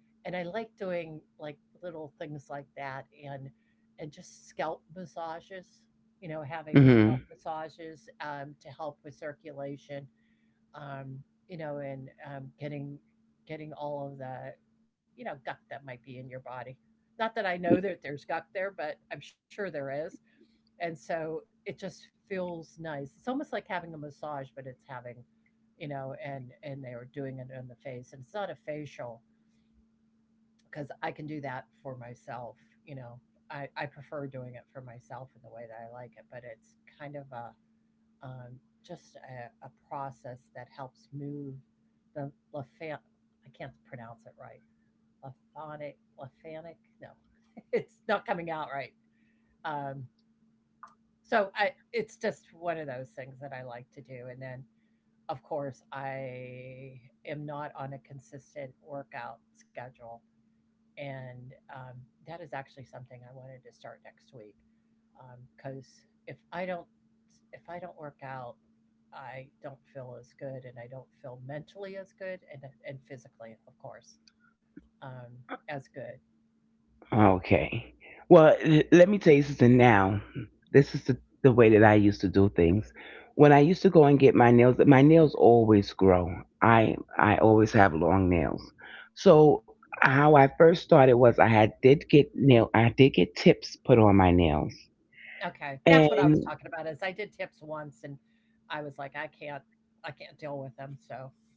and I like doing like little things like that, and just scalp massages, you know, having the scalp
hmm
massages to help with circulation, um, you know, and getting getting all of the, you know, gunk that might be in your body. Not that I know that there's gunk there, but I'm sure there is. And so it just feels nice. It's almost like having a massage, but it's having, you know, and they are doing it on the face, and it's not a facial because I can do that for myself. You know, I prefer doing it for myself in the way that I like it, but it's kind of a just a process that helps move the lafan. I can't pronounce it right. Lafonic, lafanic. No, *laughs* it's not coming out right. Um, so it's just one of those things that I like to do, and then of course I am not on a consistent workout schedule, and that is actually something I wanted to start next week because if I don't, if I don't work out, I don't feel as good, and I don't feel mentally as good, and physically, of course, um, as good.
Okay. Well, let me tell you something now. This is the way that I used to do things. When I used to go and get my nails always grow. I always have long nails. So how I first started was I did get tips put on my nails.
Okay, that's what I was
And.
talking about. Is I did tips once, and I was like, I can't deal with them. So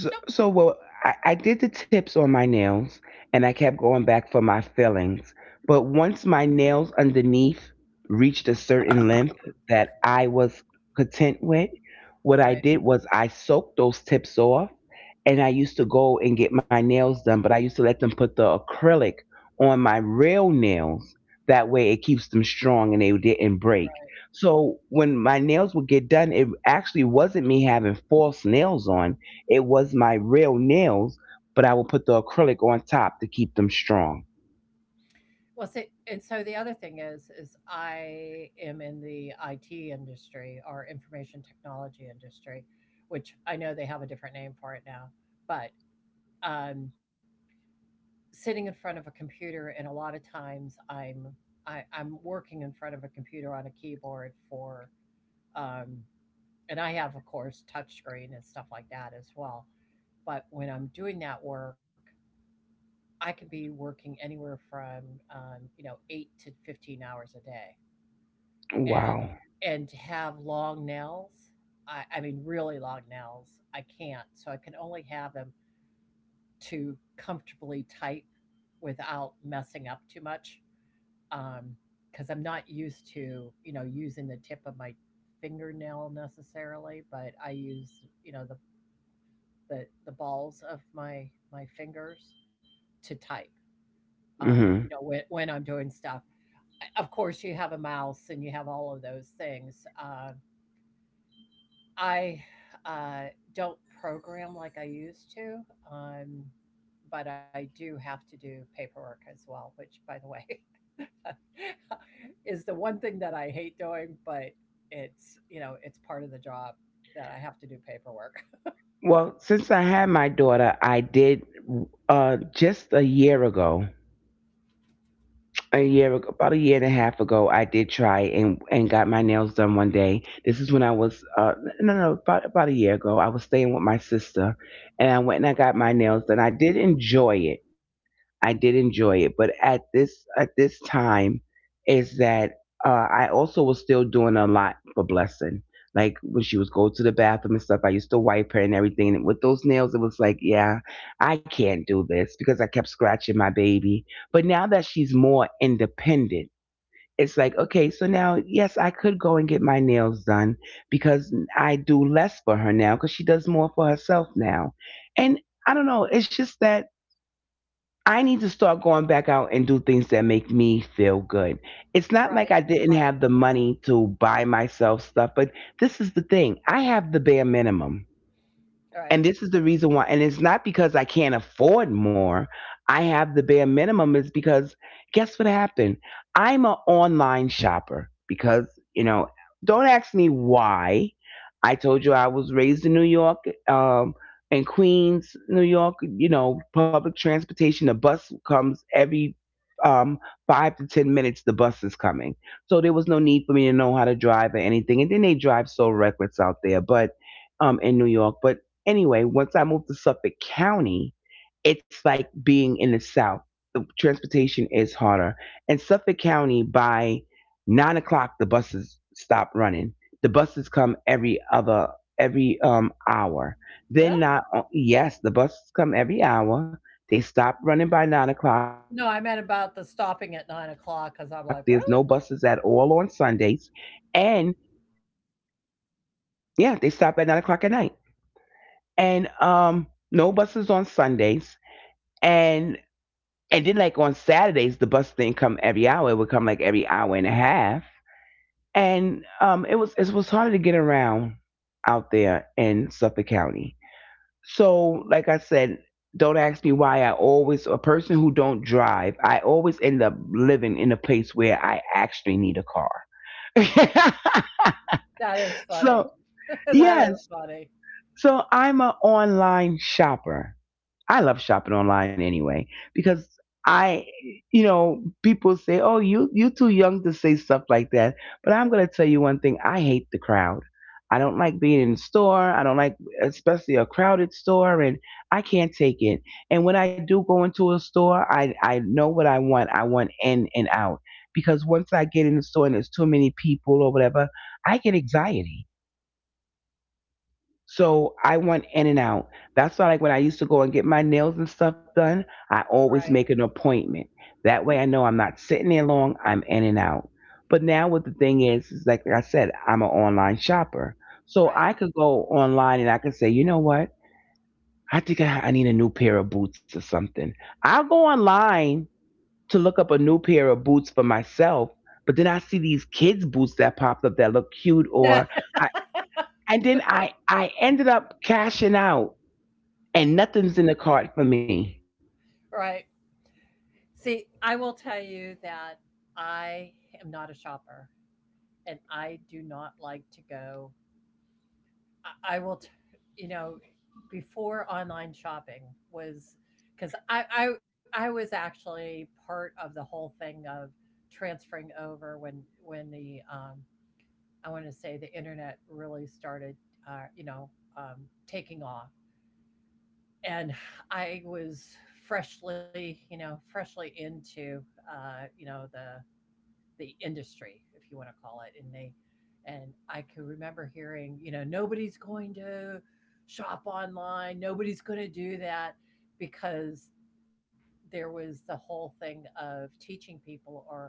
So, so well, I did the tips on my nails and I kept going back for my fillings. But once my nails underneath reached a certain length that I was content with, what I
right,
did was I soaked those tips off and I used to go and get my nails done, but I used to let them put the acrylic on my real nails. That way it keeps them strong and they didn't break.
right.
So when my nails would get done, it actually wasn't me having false nails on, it was my real nails, but I would put the acrylic on top to keep them strong.
Well, see, and so the other thing is I am in the IT industry or information technology industry, which I know they have a different name for it now, but um, sitting in front of a computer, and a lot of times I'm working in front of a computer on a keyboard for, um, and I have of course touchscreen and stuff like that as well. But when I'm doing that work, I can be working anywhere from you know, 8 to 15 hours a day. And
Wow.
and to have long nails, I mean, really long nails, I can't, so I can only have them to comfortably type without messing up too much. Um, Because 'cause I'm not used to, you know, using the tip of my fingernail necessarily, but I use, you know, the the balls of my fingers to type, you
hmm
know, when I'm doing stuff. Of course, you have a mouse and you have all of those things, I uh, don't program like I used to, um, but I do have to do paperwork as well, which, by the way, *laughs* is the one thing that I hate doing, but it's, you know, it's part of the job that I have to do paperwork. *laughs*
Well, since I had my daughter, I did just a year ago, about a year and a half ago, I did try and got my nails done one day. This is when I was no no about a year ago. I was staying with my sister, and I went and I got my nails done. I did enjoy it, but at this time is that I also was still doing a lot for Blessing. Like when she was go to the bathroom and stuff, I used to wipe her and everything. And with those nails, it was like, yeah, I can't do this because I kept scratching my baby. But now that she's more independent, it's like, okay, so now, yes, I could go and get my nails done because I do less for her now because she does more for herself now. And I don't know, it's just that I need to start going back out and do things that make me feel good. It's not like
Right,
I didn't
right,
have the money to buy myself stuff, but this is the thing. I have the bare minimum,
right.
and this is the reason why, and it's not because I can't afford more. I have the bare minimum is because guess what happened. I'm an online shopper because, you know don't ask me why. I told you I was raised in New York. In Queens, New York, you know, public transportation, the bus comes every um 5 to 10 minutes, the bus is coming. So there was no need for me to know how to drive or anything, and then they drive so reckless out there. But in New York, anyway, once I moved to Suffolk County, it's like being in the South. The transportation is harder. In Suffolk County, by 9 o'clock, the buses stop running. The buses come every other, every hour. Then
Really?
not o- yes, the buses come every hour. They stop running by 9 o'clock. There's no
No, I meant
buses at
about the
all on
stopping at nine
Sundays,
o'clock because I'm like, really?
and yeah, they stop at 9 o'clock at night. And no buses on Sundays. And And then like on Saturdays, the bus didn't come every hour. It would come like every hour and a half. And it was harder to get around out there in Suffolk County. So like I said, don't ask me why, I always a person who don't drive, I always end up living in a place where I actually need a car. *laughs*
That is
So
funny. *laughs* that is
yes.
funny.
So I'm an online shopper. I love shopping online anyway because I, you know, people say, "Oh, you too young to say stuff like that." But I'm gonna tell you one thing: I hate the crowd. I don't like being in the store. I don't like, especially a crowded store, and I can't take it. And when I do go into a store, I know what I want. I want in and out because once I get in the store and there's too many people or whatever, I get anxiety, so I want in and out. That's why, like, when I used to go and get my nails and stuff done, I
Right.
always make an appointment. That way I know I'm not sitting there long, I'm in and out. But now, what the thing is like I said, I'm an online shopper. So
Right.
I could go online and I could say, you know what? I think I need a new pair of boots or something. I'll go online to look up a new pair of boots for myself, but then I see these kids' boots that popped up that look cute. Or
*laughs*
I, I ended up cashing out and nothing's in the cart for me.
right. See, I will tell you that I am not a shopper and I do not like to go. I will, you know, before online shopping was, because I was actually part of the whole thing of transferring over when the, I want to say the internet really started, you know, um, taking off. And I was freshly, you know, freshly into, you know, the industry, if you want to call it, and they, and I could remember hearing, you know, nobody's going to shop online, nobody's going to do that because there was the whole thing of teaching people or,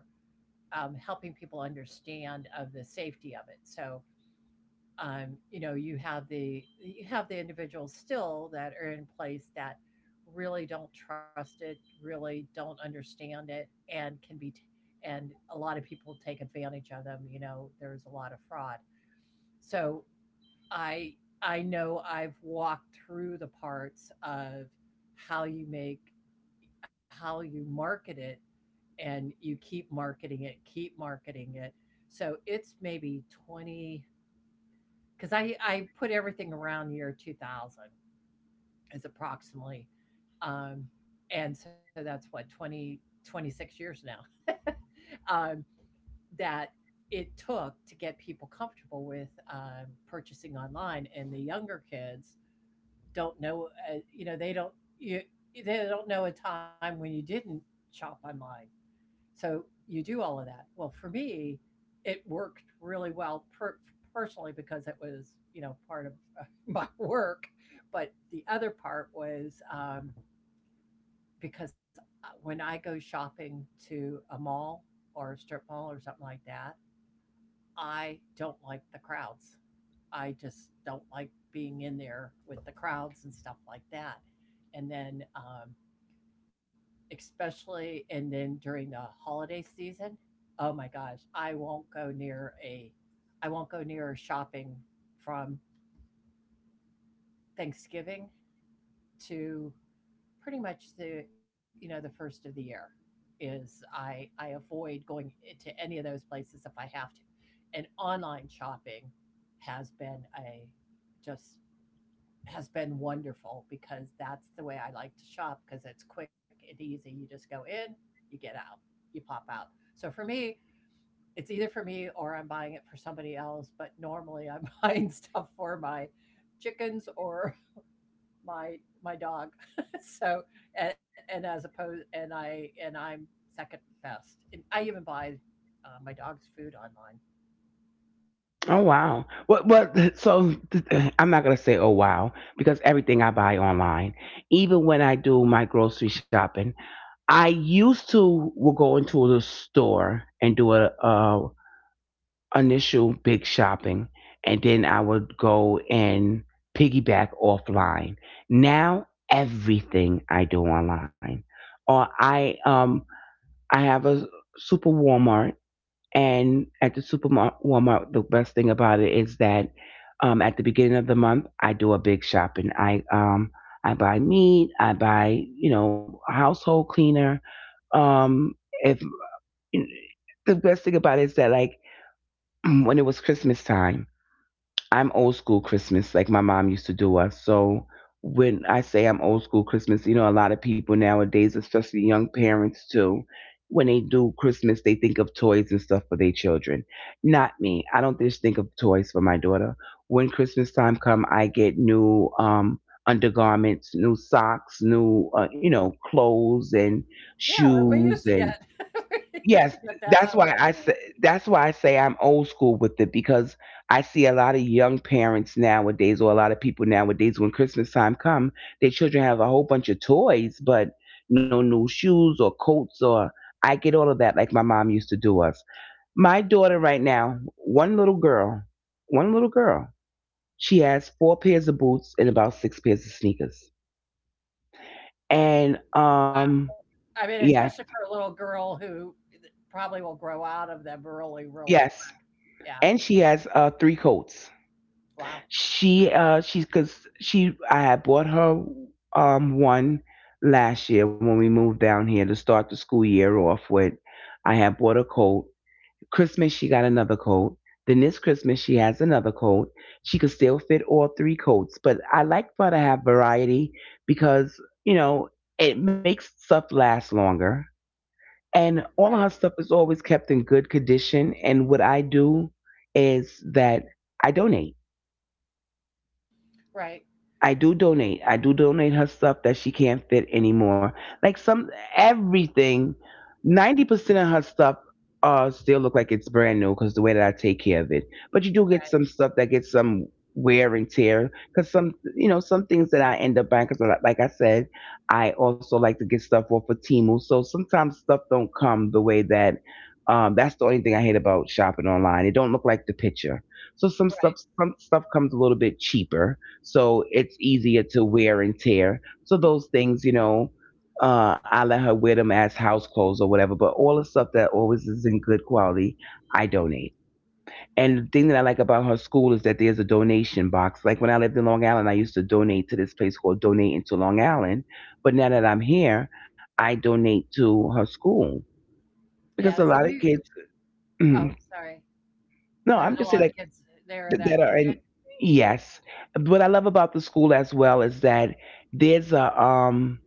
helping people understand of the safety of it. So you know, you have the, you have the individuals still that are in place that really don't trust it, really don't understand it, and can be and a lot of people take advantage of them, you know, there's a lot of fraud. So i I know I've walked through the parts of how you make, how you market it, and you keep marketing it, keep marketing it, so it's maybe 20, because I put everything around the year 2000 as approximately, um, and so that's what, 2026 years now. *laughs* um, that it took to get people comfortable with purchasing online, and the younger kids don't know, you know, they don't, you they don't know a time when you didn't shop online. So you do all of that. Well, for me, it worked really well personally because it was, you know, part of *laughs* my work. But the other part was because when I go shopping to a mall or a strip mall or something like that, I don't like the crowds. I just don't like being in there with the crowds and stuff like that. And then especially and then during the holiday season, oh my gosh, I won't go near shopping from Thanksgiving to pretty much the, you know, the first of the year, is I avoid going to any of those places if I have to, and online shopping has been a just has been wonderful because that's the way I like to shop because it's quick and easy. You just go in, you get out, you pop out. So for me, it's either for me or I'm buying it for somebody else, but normally I'm *laughs* buying stuff for my chickens or *laughs* my my dog. *laughs* So, and as opposed, and I'm second best. And I even buy my dog's food online.
Oh wow! Well, I'm not gonna say oh wow because everything I buy online, even when I do my grocery shopping, I used to will go into the store and do a initial big shopping, and then I would go and piggyback offline. Now everything I do online, or I have a super Walmart. And at the supermarket, Walmart, the best thing about it is that, at the beginning of the month, I do a big shopping. I buy meat. I buy, you know, household cleaner. Um, if the best thing about it is that, like, *clears throat* when it was Christmas time. I'm old school Christmas, like my mom used to do us. So when I say I'm old school Christmas, you know, a lot of people nowadays, especially young parents too, when they do Christmas, they think of toys and stuff for their children. Not me. I don't just think of toys for my daughter. When Christmas time come, I get new undergarments, new socks, new you know, clothes and
Yeah, like we
shoes
used to
and
get *laughs* we used
yes,
to get that
that's
that
why I
way.
say that's why I say I'm old school with it because I see a lot of young parents nowadays or a lot of people nowadays when Christmas time come, their children have a whole bunch of toys but no new shoes or coats or I get all of that like my mom used to do us. My daughter right now, one little girl, One little girl. She has four pairs of boots and about six pairs of sneakers. And
I mean,
yes,
especially for a little girl who probably will grow out of them really, really.
yes.
Yeah.
And she has three coats.
Wow.
She she's cause she I had bought her one last year when we moved down here to start the school year off with. I had bought a coat. Christmas she got another coat. Then this Christmas she has another coat. She could still fit all three coats, but I like for her to have variety because, you know, it makes stuff last longer. And all of
Right.
her stuff is always kept in good condition. And what I do is that I donate.
Right.
I do donate her stuff that she can't fit anymore. Like some Everything, 90% of her stuff still look like it's brand new because the way that I take care of it. But you do
Right.
get some stuff that gets some wear and tear because some, you know, some things that I end up buying because like I said, I also like to get stuff off of Timu. So sometimes stuff don't come the way that. That's the only thing I hate about shopping online. It don't look like the picture. So
Right.
some stuff comes a little bit cheaper so it's easier to wear and tear. So those things, you know, I let her wear them as house clothes or whatever. But all the stuff that always is in good quality, I donate. And the thing that I like about her school is that there's a donation box. Like when I lived in Long Island, I used to donate to this place called Donate into Long Island. But now that I'm here, I donate to her school
Yeah.
because
See,
a lot
we.
of kids. *clears throat*
Oh,
No,
sorry.
I'm
There's a
just saying,
lot of
like,
kids there that
that
need
are
it.
in, yes, what I love about the school as well is that there's a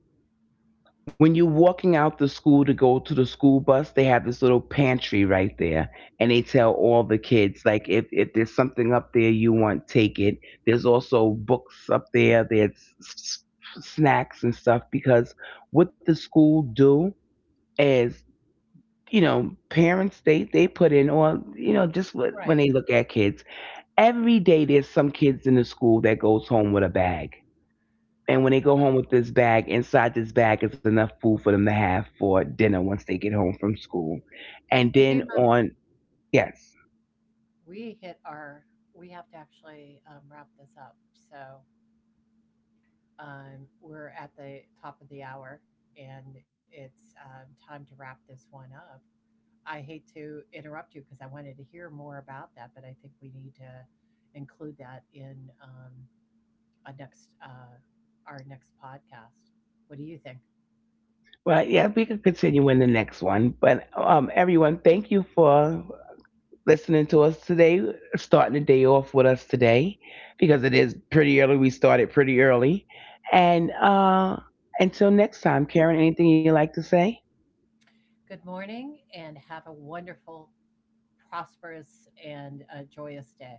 when you're walking out the school to go to the school bus, they have this little pantry right there, and they tell all the kids, like, if there's something up there you want, take it. There's also books up there. S- Snacks and stuff because what the school do is, you know, parents, they put in, or, you know, just what,
Right.
when they look at kids, every day there's some kids in the school that goes home with a bag, and when they go home with this bag, inside this bag is enough food for them to have for dinner once they get home from school, and
Tehama,
then on yes,
we hit our. We have to actually wrap this up. So we're at the top of the hour, and it's time to wrap this one up. I hate to interrupt you because I wanted to hear more about that, but I think we need to include that in a next our next podcast. What do you think?
well yeah, we could continue in the next one. But everyone, thank you for listening to us today, starting the day off with us today because it is pretty early, we started pretty early. And until next time, Karen, anything you'd like to say?
Good morning, and have a wonderful, prosperous, and joyous day.